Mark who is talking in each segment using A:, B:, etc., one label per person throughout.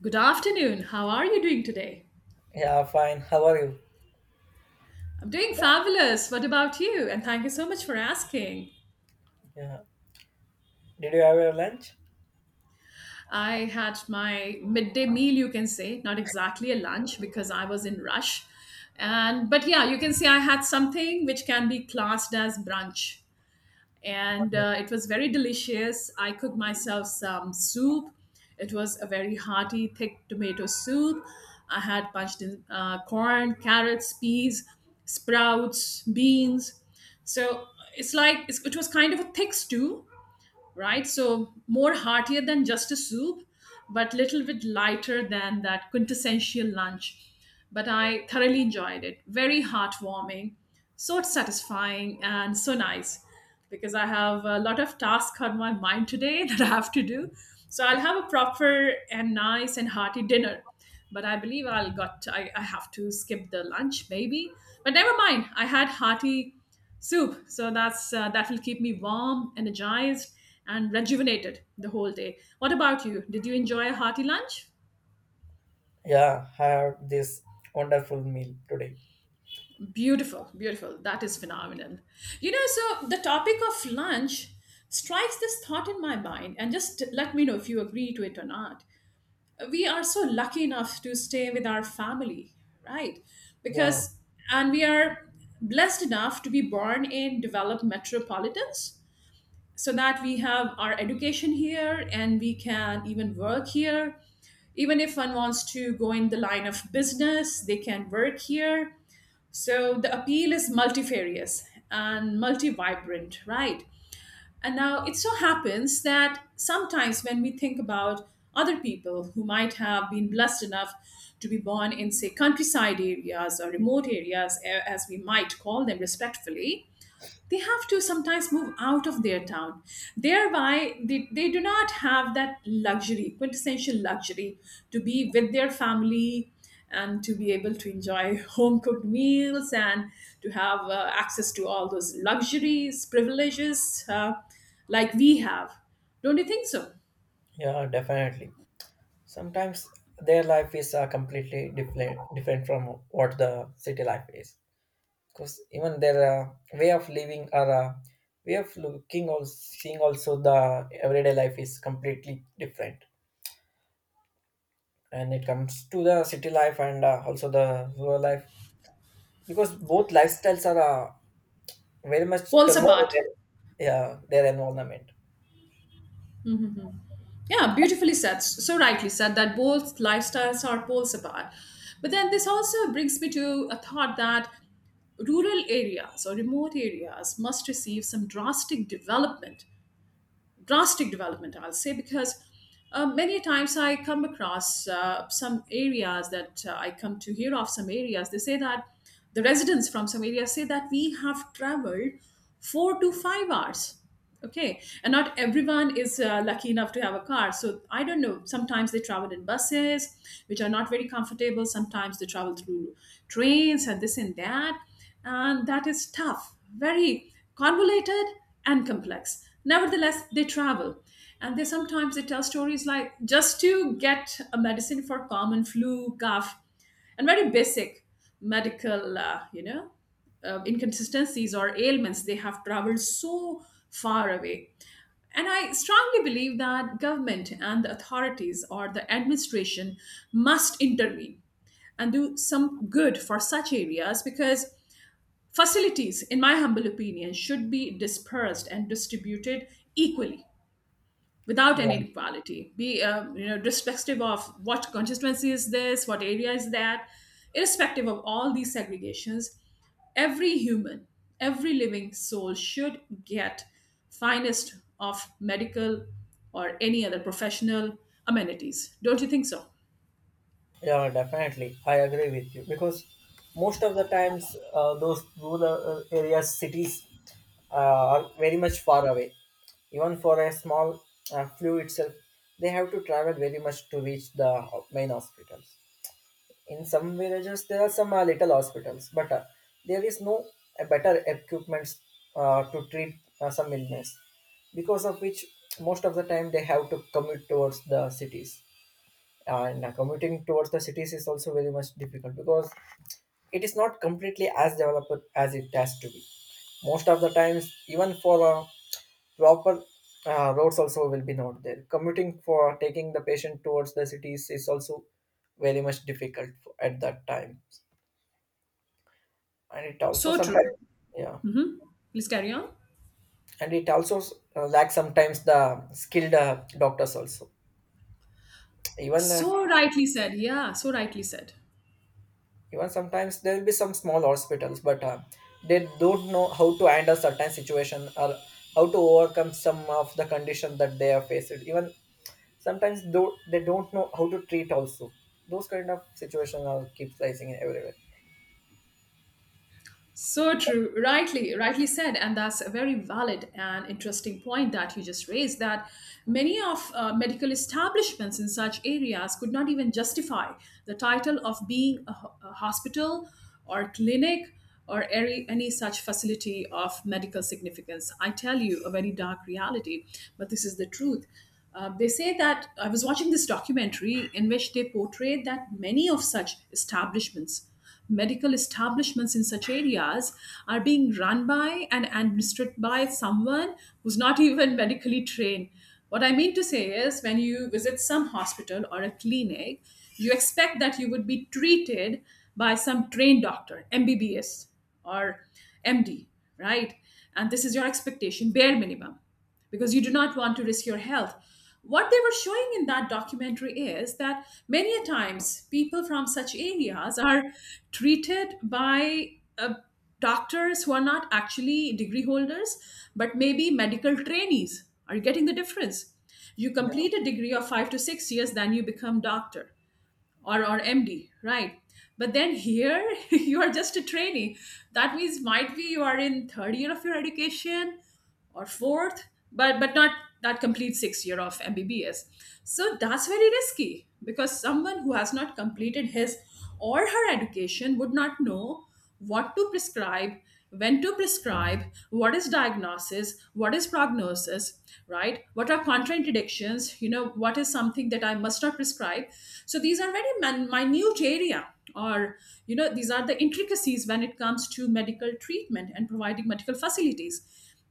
A: Good afternoon. How are you doing today?
B: Yeah, fine. How are you?
A: I'm doing fabulous. What about you? And thank you so much for asking.
B: Yeah. Did you have your lunch?
A: I had my midday meal, you can say, not exactly a lunch because I was in rush. And but yeah, you can say I had something which can be classed as brunch. And It was very delicious. I cooked myself some soup. It was a very hearty, thick tomato soup. I had punched in corn, carrots, peas, sprouts, beans. So it's like it was kind of a thick stew, right? So more heartier than just a soup, but little bit lighter than that quintessential lunch. But I thoroughly enjoyed it. Very heartwarming, so satisfying, and so nice because I have a lot of tasks on my mind today that I have to do. So I'll have a proper and nice and hearty dinner. But I believe I have to skip the lunch maybe. But never mind. I had hearty soup. So that's that will keep me warm, energized, and rejuvenated the whole day. What about you? Did you enjoy a hearty lunch?
B: Yeah, I have this wonderful meal today.
A: Beautiful, beautiful. That is phenomenal. You know, so the topic of lunch strikes this thought in my mind, and just let me know if you agree to it or not. We are so lucky enough to stay with our family, right?
B: Yeah,
A: Because, and we are blessed enough to be born in developed metropolitans so that we have our education here and we can even work here. Even if one wants to go in the line of business, they can work here. So the appeal is multifarious and multi vibrant, right? And now it so happens that sometimes when we think about other people who might have been blessed enough to be born in, say, countryside areas or remote areas, as we might call them respectfully, they have to sometimes move out of their town. Thereby, they do not have that luxury, quintessential luxury, to be with their family and to be able to enjoy home cooked meals and to have access to all those luxuries, privileges, like we have. Don't you think so?
B: yeah, definitely. Sometimes their life is completely different from what the city life is. Because even their way of living or way of looking or seeing also the everyday life is completely different. And it comes to the city life and also the rural life, because both lifestyles are very much
A: Poles
B: turmoil in
A: apart.
B: their, yeah, their environment.
A: Yeah, beautifully said. So rightly said that both lifestyles are poles apart. But then this also brings me to a thought that rural areas or remote areas must receive some drastic development, drastic development, I'll say. Because many times I come across some areas, that I come to hear of some areas, they say that the residents from some areas say that we have traveled 4 to 5 hours. Okay, and not everyone is lucky enough to have a car, so I don't know, sometimes they travel in buses which are not very comfortable, sometimes they travel through trains and this and that, and that is tough, very convoluted and complex. Nevertheless, they travel, and they sometimes they tell stories like just to get a medicine for common flu, cough, and very basic medical inconsistencies or ailments. They have traveled so far away. And I strongly believe that government and the authorities or the administration must intervene and do some good for such areas, because facilities, in my humble opinion, should be dispersed and distributed equally, without
B: Yeah,
A: any inequality, irrespective of what constituency is this, what area is that, irrespective of all these segregations, every human, every living soul should get finest of medical or any other professional amenities. Don't you think so?
B: yeah, definitely, I agree with you, because most of the times those rural areas cities are very much far away, even for a small flu itself. They have to travel very much to reach the main hospitals. In some villages, there are some little hospitals, but there is no better equipment to treat some illness, because of which most of the time they have to commute towards the cities. And commuting towards the cities is also very much difficult because it is not completely as developed as it has to be. Most of the times, even for a proper roads also will be not there. Commuting for taking the patient towards the cities is also very much difficult at that time, and it also
A: So
B: sometimes.
A: true.
B: Yeah,
A: Please carry on.
B: and it also lacks sometimes the skilled doctors also. Even uh,
A: So rightly said. Yeah, so rightly said.
B: even sometimes there will be some small hospitals, but they don't know how to handle certain situation or how to overcome some of the condition that they are faced. Even sometimes, though they don't know how to treat also, those kind of situations are keep rising everywhere.
A: So true. Rightly, rightly said. And that's a very valid and interesting point that you just raised, that many of medical establishments in such areas could not even justify the title of being a hospital or clinic or any such facility of medical significance. I tell you, a very dark reality, but this is the truth. They say that I was watching this documentary in which they portrayed that many of such establishments, medical establishments in such areas, are being run by and administered by someone who's not even medically trained. What I mean to say is, when you visit some hospital or a clinic, you expect that you would be treated by some trained doctor, MBBS or MD, right? And this is your expectation, bare minimum, because you do not want to risk your health. What they were showing in that documentary is that many a times people from such areas are treated by doctors who are not actually degree holders, but maybe medical trainees. Are you getting the difference? You
B: Yeah.
A: complete a degree of 5 to 6 years, then you become doctor or MD, right? But then here you are just a trainee. That means might be you are in third year of your education or fourth, but not that complete 6 year of MBBS. So that's very risky, because someone who has not completed his or her education would not know what to prescribe, when to prescribe, what is diagnosis, what is prognosis, right, what are contraindications, what is something that I must not prescribe. So these are very minute area, or these are the intricacies when it comes to medical treatment and providing medical facilities.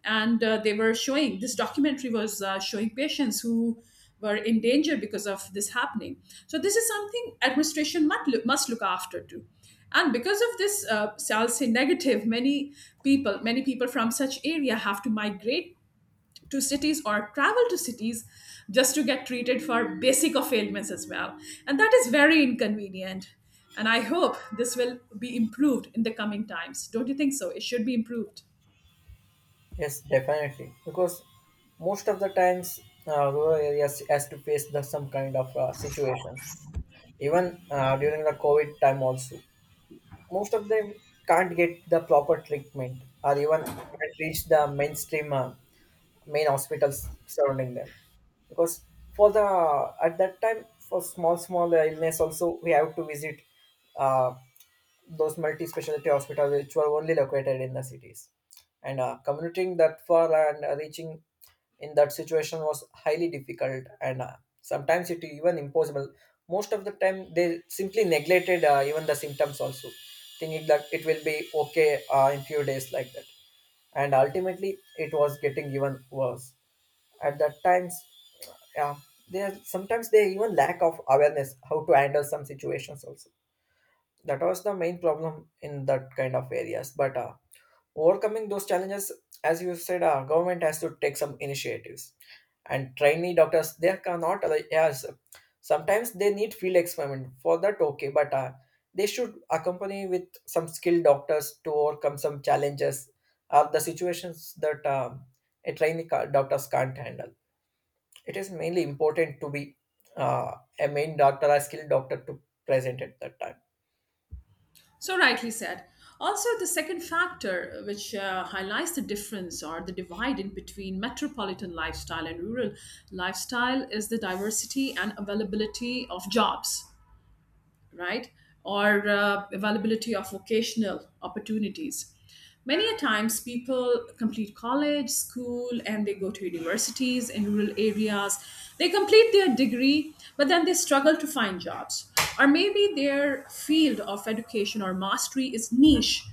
A: And they were showing this documentary was showing patients who were in danger because of this happening. So this is something administration must must look after too. And because of this, so I'll say, negative. Many people from such area have to migrate to cities or travel to cities just to get treated for basic of ailments as well. And that is very inconvenient. And I hope this will be improved in the coming times. Don't you think so? It should be improved.
B: Yes, definitely, because most of the times rural areas has to face some kind of situations, even during the covid time also. Most of them can't get the proper treatment or even can't reach the mainstream main hospitals surrounding them, because for the at that time, for small small illness also, we have to visit uh, those multi-specialty hospitals, which were only located in the cities. And commuting that far and reaching in that situation was highly difficult, and sometimes it even impossible. Most of the time they simply neglected even the symptoms also, thinking that it will be okay in few days, like that, and ultimately it was getting even worse at that times. Yeah. Sometimes they even lack of awareness how to handle some situations also. That was the main problem in that kind of areas, but overcoming those challenges, as you said, government has to take some initiatives. And trainee doctors they cannot, like, yes, sometimes they need field experiment for that, okay, but they should accompany with some skilled doctors to overcome some challenges or the situations that a trainee doctors can't handle. It is mainly important to be uh, a main doctor, a skilled doctor, to present at that time.
A: So rightly said. Also, the second factor which highlights the difference or the divide in between metropolitan lifestyle and rural lifestyle is the diversity and availability of jobs, right? Or availability of vocational opportunities. Many a times, people complete college, school, and they go to universities in rural areas. They complete their degree, but then they struggle to find jobs. Or maybe their field of education or mastery is niche,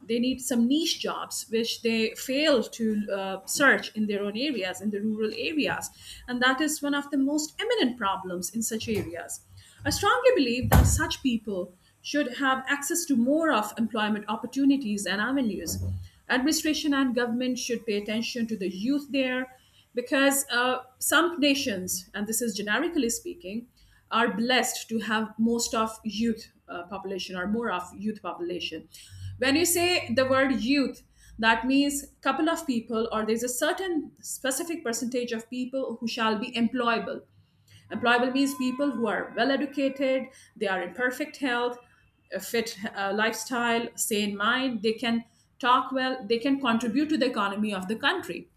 A: they need some niche jobs which they fail to search in their own areas in the rural areas. And that is one of the most eminent problems in such areas. I strongly believe that such people should have access to more of employment opportunities and avenues. Administration and government should pay attention to the youth there, because some nations, and this is generically speaking, are blessed to have most of youth population, or more of youth population. When you say the word youth, that means couple of people, or there's a certain specific percentage of people who shall be employable. Employable means people who are well educated, they are in perfect health, a fit lifestyle, sane mind, they can talk well, they can contribute to the economy of the country.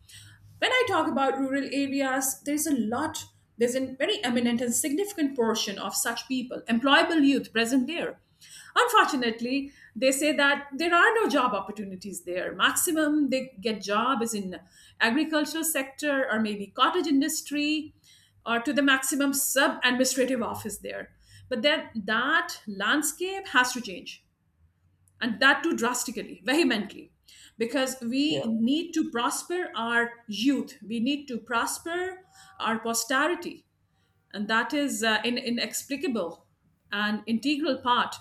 A: When I talk about rural areas, there's a very eminent and significant portion of such people, employable youth present there. Unfortunately, they say that there are no job opportunities there. Maximum they get job is in agricultural sector, or maybe cottage industry, or to the maximum sub administrative office there. But then that landscape has to change, and that too drastically, vehemently, because we need to prosper our youth, we need to prosper our posterity, and that is inexplicable and integral part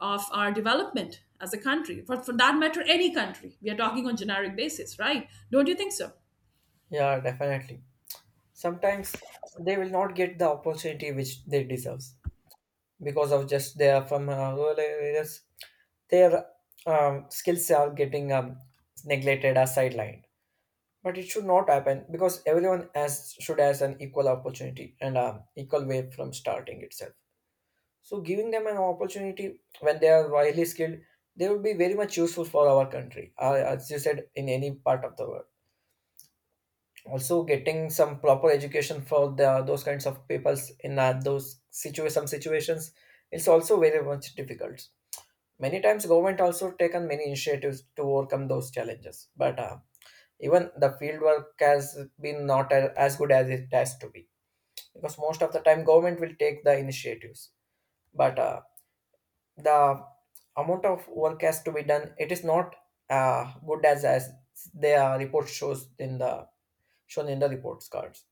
A: of our development as a country. For that matter, any country. We are talking on generic basis, right? Don't you think so?
B: Yeah, definitely. Sometimes they will not get the opportunity which they deserves because of just they are from rural areas. Their skills are getting neglected or sidelined. But it should not happen, because everyone has should has an equal opportunity and equal way from starting itself. So giving them an opportunity, when they are highly skilled, they will be very much useful for our country. As you said, in any part of the world. Also getting some proper education for those kinds of peoples in those some situations is also very much difficult. Many times government also taken many initiatives to overcome those challenges, but even the field work has been not as good as it has to be, because most of the time government will take the initiatives, but the amount of work has to be done, it is not good as their report shows in the shown in the reports cards.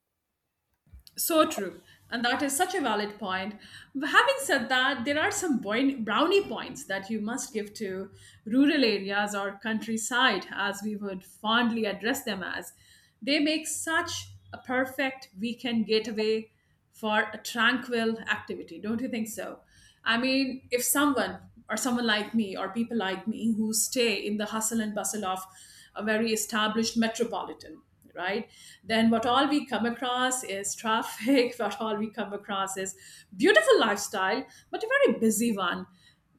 A: So true. And that is such a valid point. Having said that, there are some brownie points that you must give to rural areas or countryside, as we would fondly address them as. They make such a perfect weekend getaway for a tranquil activity, don't you think so? I mean, if someone or someone like me or people like me who stay in the hustle and bustle of a very established metropolitan, right, then what all we come across is traffic, what all we come across is beautiful lifestyle, but a very busy one,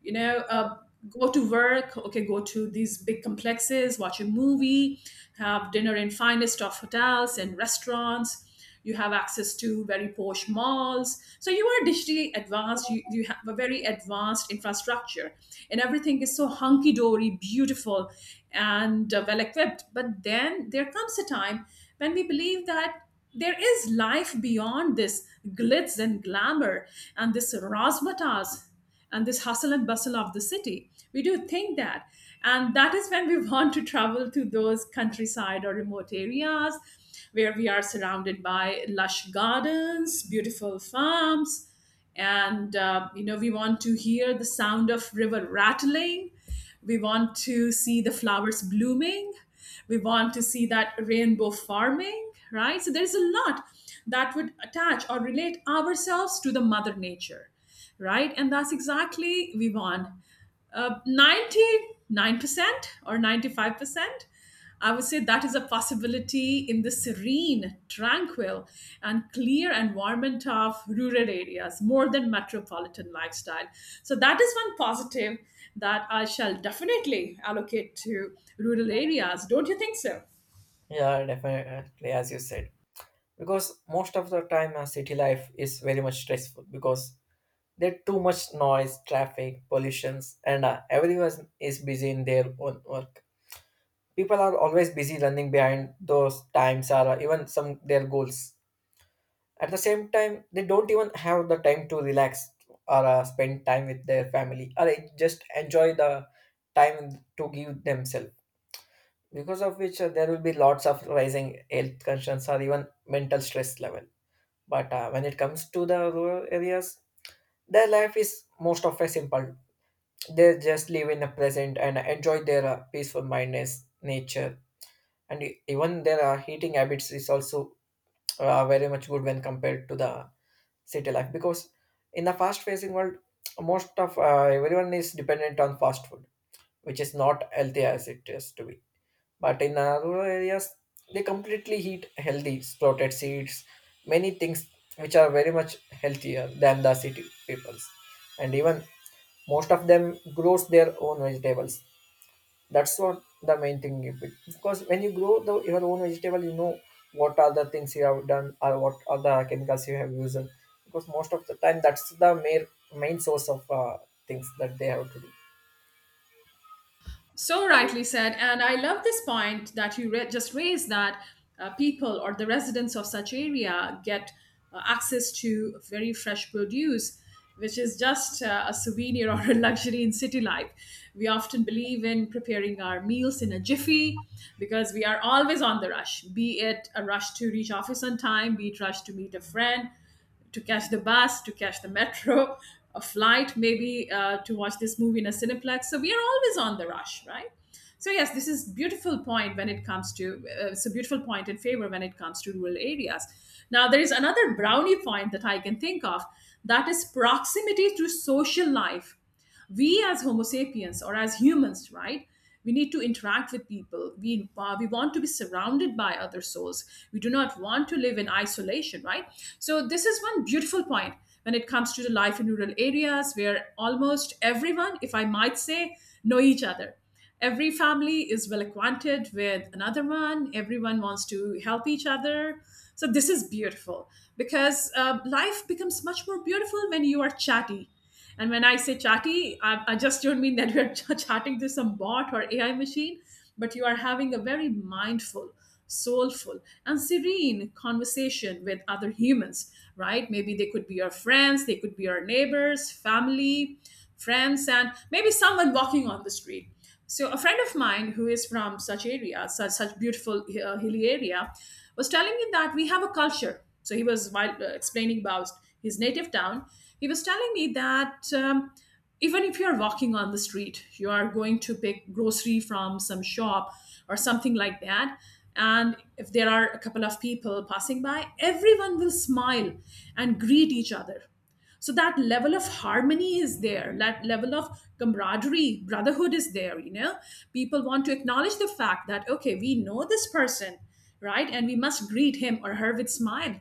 A: you know uh, go to work, okay, go to these big complexes, watch a movie, have dinner in finest of hotels and restaurants, you have access to very posh malls, so you are digitally advanced, you have a very advanced infrastructure, and everything is so hunky-dory beautiful and well equipped. But then there comes a time when we believe that there is life beyond this glitz and glamour and this razzmatazz and this hustle and bustle of the city. We do think that. And that is when we want to travel to those countryside or remote areas where we are surrounded by lush gardens, beautiful farms, and we want to hear the sound of river rattling. We want to see the flowers blooming. We want to see that rainbow farming, right? So there's a lot that would attach or relate ourselves to the mother nature, right? And that's exactly we want. 99% or 95%, I would say that is a possibility in the serene, tranquil, and clear environment of rural areas more than metropolitan lifestyle. So that is one positive that I shall definitely allocate to rural areas. Don't you think so?
B: Yeah, definitely, as you said, because most of the time, city life is very much stressful, because there's too much noise, traffic, pollutions, and everyone is busy in their own work. People are always busy running behind those times or even some their goals. At the same time, they don't even have the time to relax or spend time with their family or just enjoy the time to give themselves. Because of which there will be lots of rising health concerns or even mental stress level. But when it comes to the rural areas, their life is most of a simple. They just live in the present and enjoy their peaceful mindness nature. And even their eating habits is also very much good when compared to the city life, because in the fast facing world, most of everyone is dependent on fast food, which is not healthy as it is to be. But in rural areas, they completely eat healthy sprouted seeds, many things, which are very much healthier than the city peoples. And even most of them grows their own vegetables. That's what the main thing is. Because when you grow your own vegetable, you know what are the things you have done or what are the chemicals you have used. Because most of the time, that's the main source of things that they have to do.
A: So rightly said. And I love this point that you just raised that people or the residents of such area get access to very fresh produce, which is just a souvenir or a luxury in city life. We often believe in preparing our meals in a jiffy because we are always on the rush, be it a rush to reach office on time, be it rush to meet a friend, to catch the bus, to catch the metro, a flight, maybe to watch this movie in a cineplex. So we are always on the rush, right? So yes, this is beautiful point when it comes to It's a beautiful point in favor when it comes to rural areas. Now there is another brownie point that I can think of, that is proximity to social life. We as homo sapiens or as humans, right, we need to interact with people. We want to be surrounded by other souls. We do not want to live in isolation, right? So this is one beautiful point when it comes to the life in rural areas, where almost everyone, if I might say, know each other. Every family is well acquainted with another one. Everyone wants to help each other. So this is beautiful because life becomes much more beautiful when you are chatty. And when I say chatty, I just don't mean that you're chatting to some bot or AI machine, but you are having a very mindful, soulful, and serene conversation with other humans, right? Maybe they could be your friends, they could be your neighbors, family, friends, and maybe someone walking on the street. So a friend of mine who is from such area, such beautiful hilly area, was telling me that we have a culture. So he was while explaining about his native town, he was telling me that even if you are walking on the street, you are going to pick grocery from some shop or something like that. And if there are a couple of people passing by, everyone will smile and greet each other. So that level of harmony is there, that level of camaraderie, brotherhood is there, you know, people want to acknowledge the fact that okay, we know this person, right, and we must greet him or her with smile.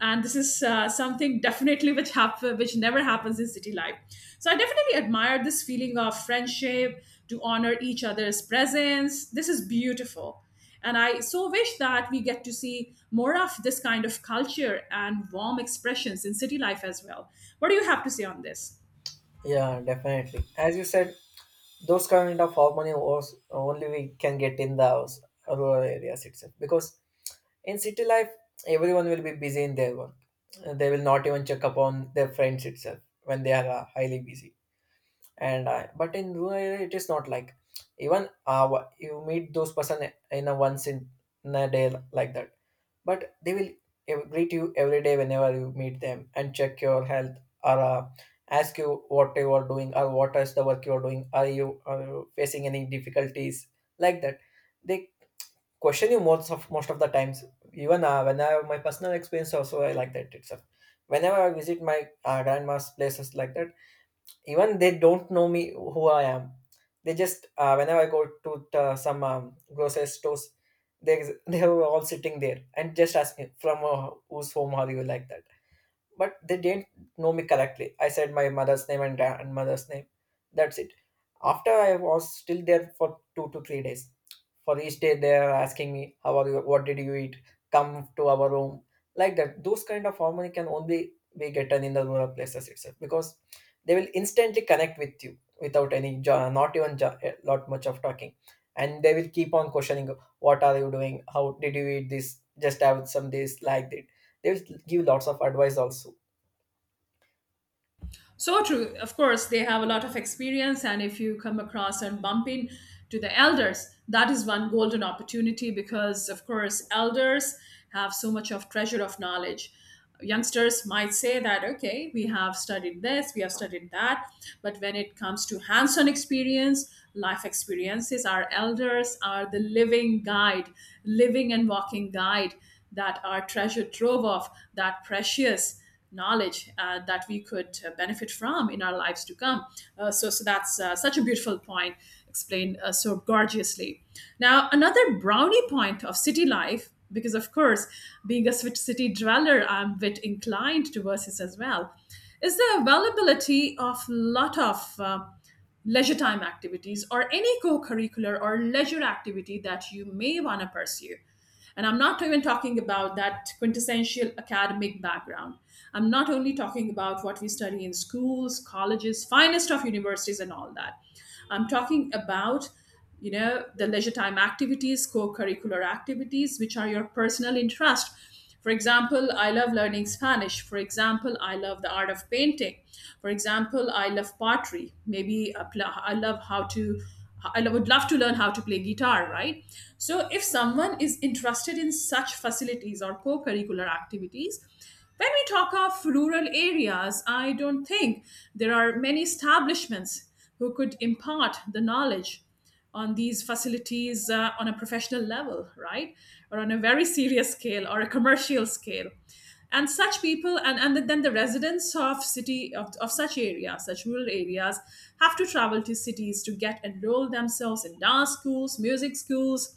A: And this is something definitely which never happens in city life. So I definitely admire this feeling of friendship, to honor each other's presence. This is beautiful, and I so wish that we get to see more of this kind of culture and warm expressions in city life as well. What do you have to say on this?
B: Yeah, definitely. As you said, those kind of harmony was only we can get in the rural areas itself, because in city life everyone will be busy in their work. They will not even check upon their friends itself when they are highly busy. But in rural area it is not like, even you meet those person in a once in a day, like that, but they will greet you every day whenever you meet them and check your health or ask you what you are doing or what is the work you are doing, are you facing any difficulties, like that. They question you most of the times. Even when I have my personal experience also, I like that itself, whenever I visit my grandma's places like that, even they don't know me who I am. They just whenever I go to some grocery stores, they were all sitting there and just ask me, from whose home are you, like that. But they didn't know me correctly. I said my mother's name and grandmother's name. That's it. After, I was still there for 2 to 3 days. For each day, they are asking me, "How are you? What did you eat? Come to our room." Like that. Those kind of harmony can only be gotten in the rural places itself, because they will instantly connect with you without not even jo- lot much of talking, and they will keep on questioning, "What are you doing? How did you eat this? Just have some this, like that." They will give lots of advice also.
A: So true. Of course, they have a lot of experience, and if you come across and bump in to the elders, that is one golden opportunity because, of course, elders have so much of treasure of knowledge. Youngsters might say that, okay, we have studied this, we have studied that, but when it comes to hands on experience, life experiences, our elders are the living guide, living and walking guide, that our treasure trove of, that precious knowledge that we could benefit from in our lives to come. So that's such a beautiful point explained so gorgeously. Now, another brownie point of city life, because of course, being a city dweller, I'm a bit inclined towards this as well, is the availability of lot of leisure time activities or any co-curricular or leisure activity that you may want to pursue, and I'm not even talking about that quintessential academic background. I'm not only talking about what we study in schools, colleges, finest of universities, and all that. I'm talking about, you know, the leisure time activities, co-curricular activities which are your personal interest. For example, I love learning Spanish. For example, I love the art of painting. For example, I love pottery. Maybe I love how to, I would love to learn how to play guitar, right? So, if someone is interested in such facilities or co curricular activities, when we talk of rural areas, I don't think there are many establishments who could impart the knowledge on these facilities on a professional level, right? Or on a very serious scale or a commercial scale. And such people, and then the residents of of such areas, such rural areas, have to travel to cities to get enroll themselves in dance schools, music schools,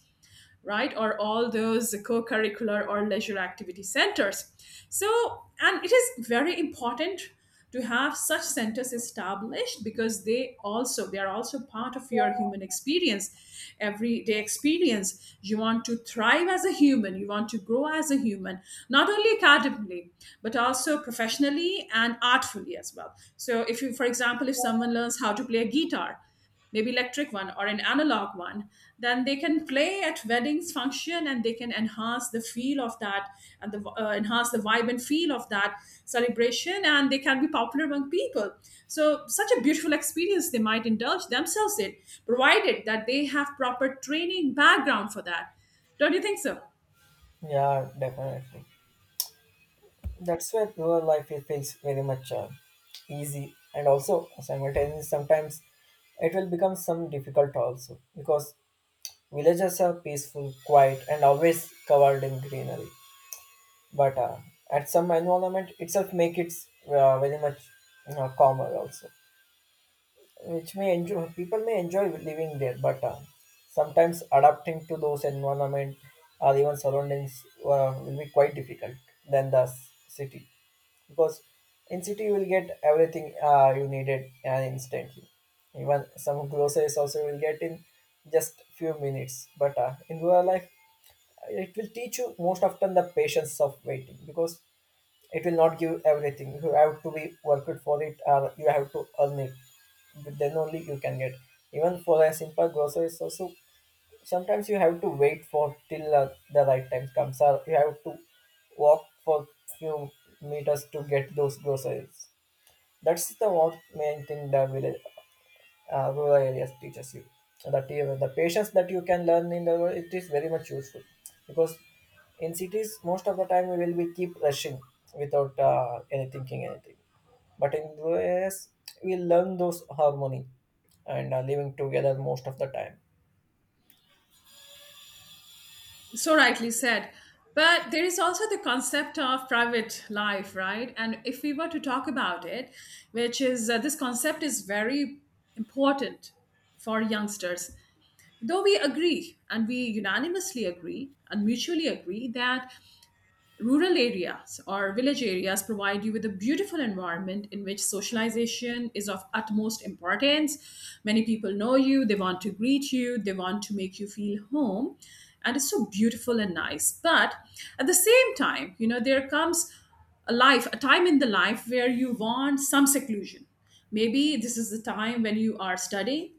A: right? Or all those co curricular or leisure activity centers. So, and it is very important to have such centers established because they are also part of your human experience, everyday experience. You want to thrive as a human, you want to grow as a human, not only academically, but also professionally and artfully as well. So if you, for example, if someone learns how to play a guitar, maybe electric one or an analog one, then they can play at weddings function, and they can enhance the feel of that, and the enhance the vibe and feel of that celebration, and they can be popular among people. So such a beautiful experience they might indulge themselves in, provided that they have proper training background for that. Don't you think so?
B: Yeah, definitely. That's where rural life it feels very much easy, and also simultaneously sometimes it will become some difficult also, because villages are peaceful, quiet, and always covered in greenery. But at some environment itself make it very much calmer also, which may enjoy people may enjoy living there, but sometimes adapting to those environment or even surroundings will be quite difficult than the city. Because in city you will get everything you needed, and instantly even some groceries also you will get in just few minutes. But in rural life it will teach you most often the patience of waiting, because it will not give everything, you have to be worked for it or you have to earn it. But then only you can get. Even for a simple groceries also, sometimes you have to wait for till the right time comes, or you have to walk for few meters to get those groceries. That's the one main thing the village rural areas teaches you, that even the patience that you can learn in the world it is very much useful. Because in cities most of the time we will be keep rushing without any thinking anything. But in rural areas we learn those harmony and living together most of the time.
A: So rightly said. But there is also the concept of private life, right? And if we were to talk about it, which is this concept is very important for youngsters, though we agree and we unanimously agree and mutually agree that rural areas or village areas provide you with a beautiful environment in which socialization is of utmost importance. Many people know you, they want to greet you, they want to make you feel home, and it's so beautiful and nice. But at the same time, you know, there comes a life, a time in the life where you want some seclusion. Maybe this is the time when you are studying,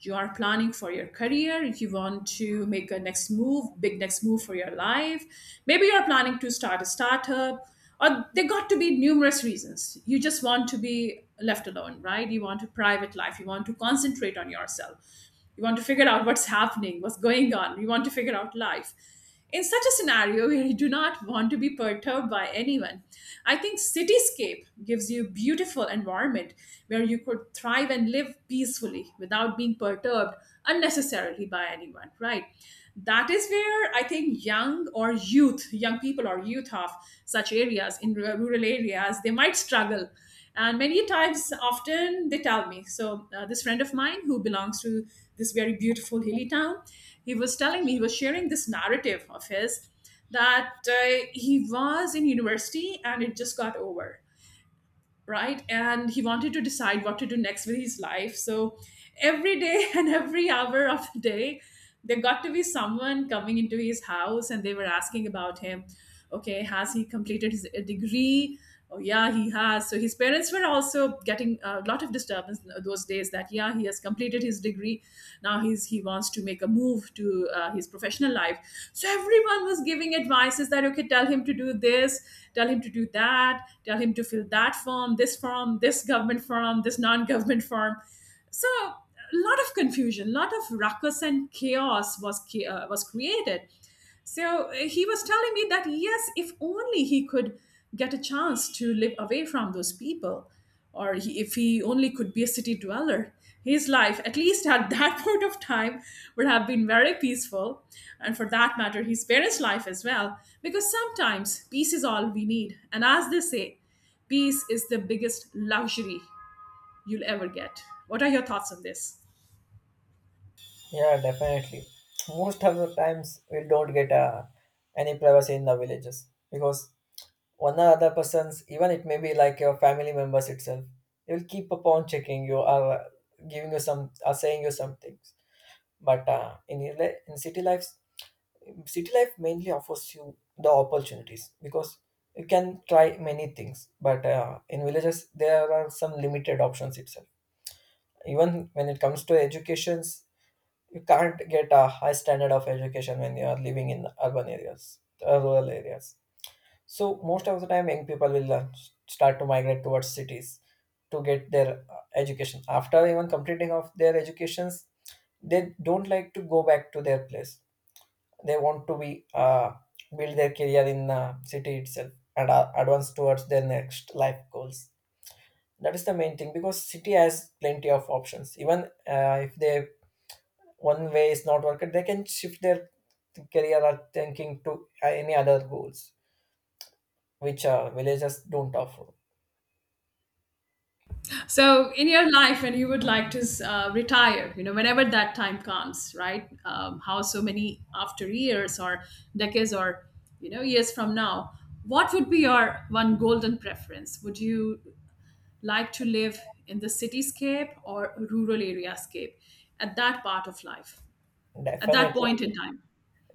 A: you are planning for your career, you want to make a next move, big next move for your life. Maybe you're planning to start a startup, or there got to be numerous reasons. You just want to be left alone, right? You want a private life, you want to concentrate on yourself, you want to figure out what's happening, what's going on, you want to figure out life. In such a scenario, we do not want to be perturbed by anyone. I think cityscape gives you a beautiful environment where you could thrive and live peacefully without being perturbed unnecessarily by anyone, right? That is where I think young or youth, young people or youth of such areas in rural areas, they might struggle, and many times, often they tell me. So, this friend of mine who belongs to this very beautiful hilly town, he was telling me, he was sharing this narrative of his that he was in university and it just got over, right? And he wanted to decide what to do next with his life. So every day and every hour of the day, there got to be someone coming into his house and they were asking about him. Okay, has he completed his a degree? Oh, yeah, he has. So his parents were also getting a lot of disturbance those days that, yeah, he has completed his degree. Now he wants to make a move to his professional life. So everyone was giving advices that, okay, tell him to do this, tell him to do that, tell him to fill that firm, this government firm, this non government firm. So, a lot of confusion, a lot of ruckus and chaos was created. So, he was telling me that yes, if only he could get a chance to live away from those people, or he, if he only could be a city dweller, his life, at least at that point of time, would have been very peaceful. And for that matter, his parents' life as well. Because sometimes peace is all we need. And as they say, peace is the biggest luxury you'll ever get. What are your thoughts on this?
B: Yeah, definitely. Most of the times we don't get any privacy in the villages, because one or other person's, even it may be like your family members itself, they will keep upon checking you or giving you some or saying you some things. But in your in city life mainly offers you the opportunities, because you can try many things. But in villages, there are some limited options itself. Even when it comes to educations, you can't get a high standard of education when you are living in urban areas, rural areas. So most of the time, young people will start to migrate towards cities to get their education. After even completing of their educations, they don't like to go back to their place. They want to be build their career in the city itself and advance towards their next life goals. That is the main thing, because city has plenty of options. Even if they one way is not working, they can shift their career or thinking to any other goals, which villages don't offer.
A: So, in your life, when you would like to retire, whenever that time comes, right? How so many after years or decades or, years from now, what would be your one golden preference? Would you like to live in the cityscape or rural area scape at that part of life, at that
B: Definitely,
A: point in time?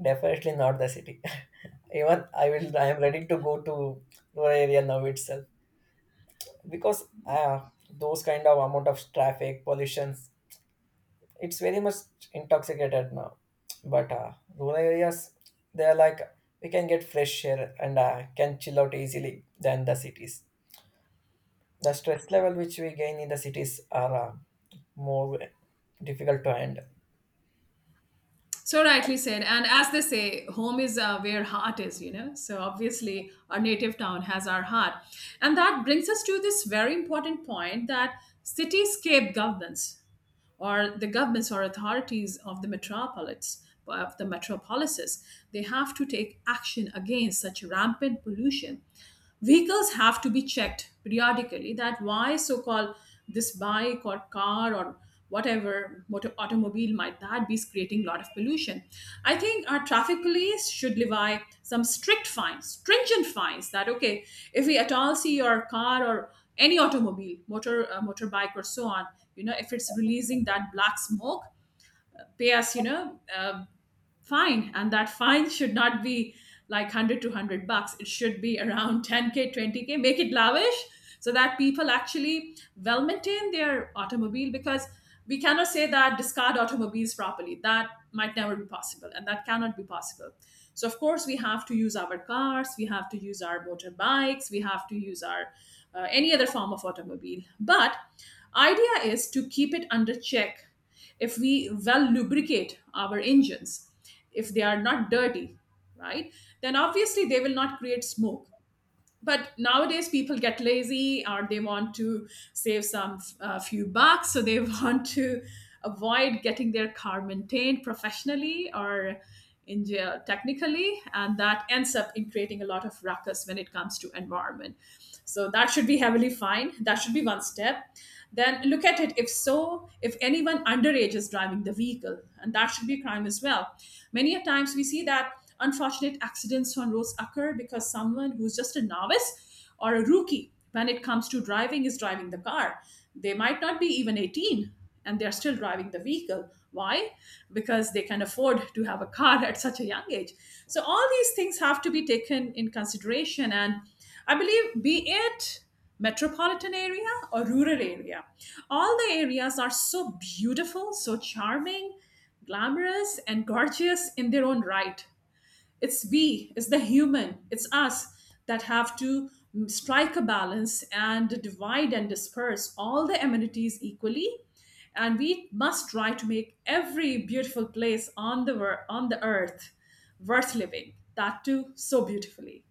B: definitely not the city. Even I am ready to go to rural area now itself, because those kind of amount of traffic pollutions, it's very much intoxicated now. But rural areas, they are like we can get fresh air and can chill out easily than the cities. The stress level which we gain in the cities are more difficult to end.
A: So rightly said. And as they say, home is where heart is. So obviously, our native town has our heart. And that brings us to this very important point that cityscape governments, or the governments or authorities of the metropolis of the metropolises, they have to take action against such rampant pollution. Vehicles have to be checked periodically, that why so called this bike or car or whatever motor automobile might that be is creating a lot of pollution. I think our traffic police should levy some strict fines, stringent fines, that okay, if we at all see your car or any automobile motor motorbike or so on, if it's releasing that black smoke, pay us, fine. And that fine should not be like 100 to 100 bucks. It should be around 10K, 20K. Make it lavish, so that people actually well maintain their automobile, because we cannot say that discard automobiles properly. That might never be possible, and that cannot be possible. So, of course, we have to use our cars, we have to use our motorbikes, we have to use our any other form of automobile. But idea is to keep it under check. If we well lubricate our engines, if they are not dirty, right, then obviously they will not create smoke. But nowadays people get lazy, or they want to save some few bucks, so they want to avoid getting their car maintained professionally or in jail technically, and that ends up in creating a lot of ruckus when it comes to environment. So that should be heavily fined, that should be one step. Then look at it, if so, if anyone underage is driving the vehicle, and that should be a crime as well. Many a times we see that unfortunate accidents on roads occur because someone who's just a novice or a rookie when it comes to driving is driving the car. They might not be even 18, and they're still driving the vehicle. Why? Because they can afford to have a car at such a young age. So, all these things have to be taken in consideration. And I believe, be it metropolitan area or rural area, all the areas are so beautiful, so charming, glamorous, and gorgeous in their own right. It's we, it's the human, it's us that have to strike a balance and divide and disperse all the amenities equally. And we must try to make every beautiful place on the earth worth living. That too, so beautifully.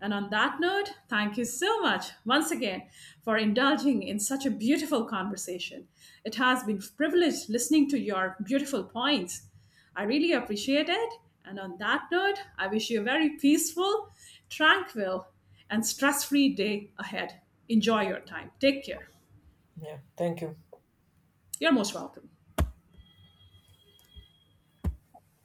A: And on that note, thank you so much once again for indulging in such a beautiful conversation. It has been a privilege listening to your beautiful points. I really appreciate it. And on that note, I wish you a very peaceful, tranquil, and stress free day ahead. Enjoy your time. Take care.
B: Yeah, thank you.
A: You're most welcome.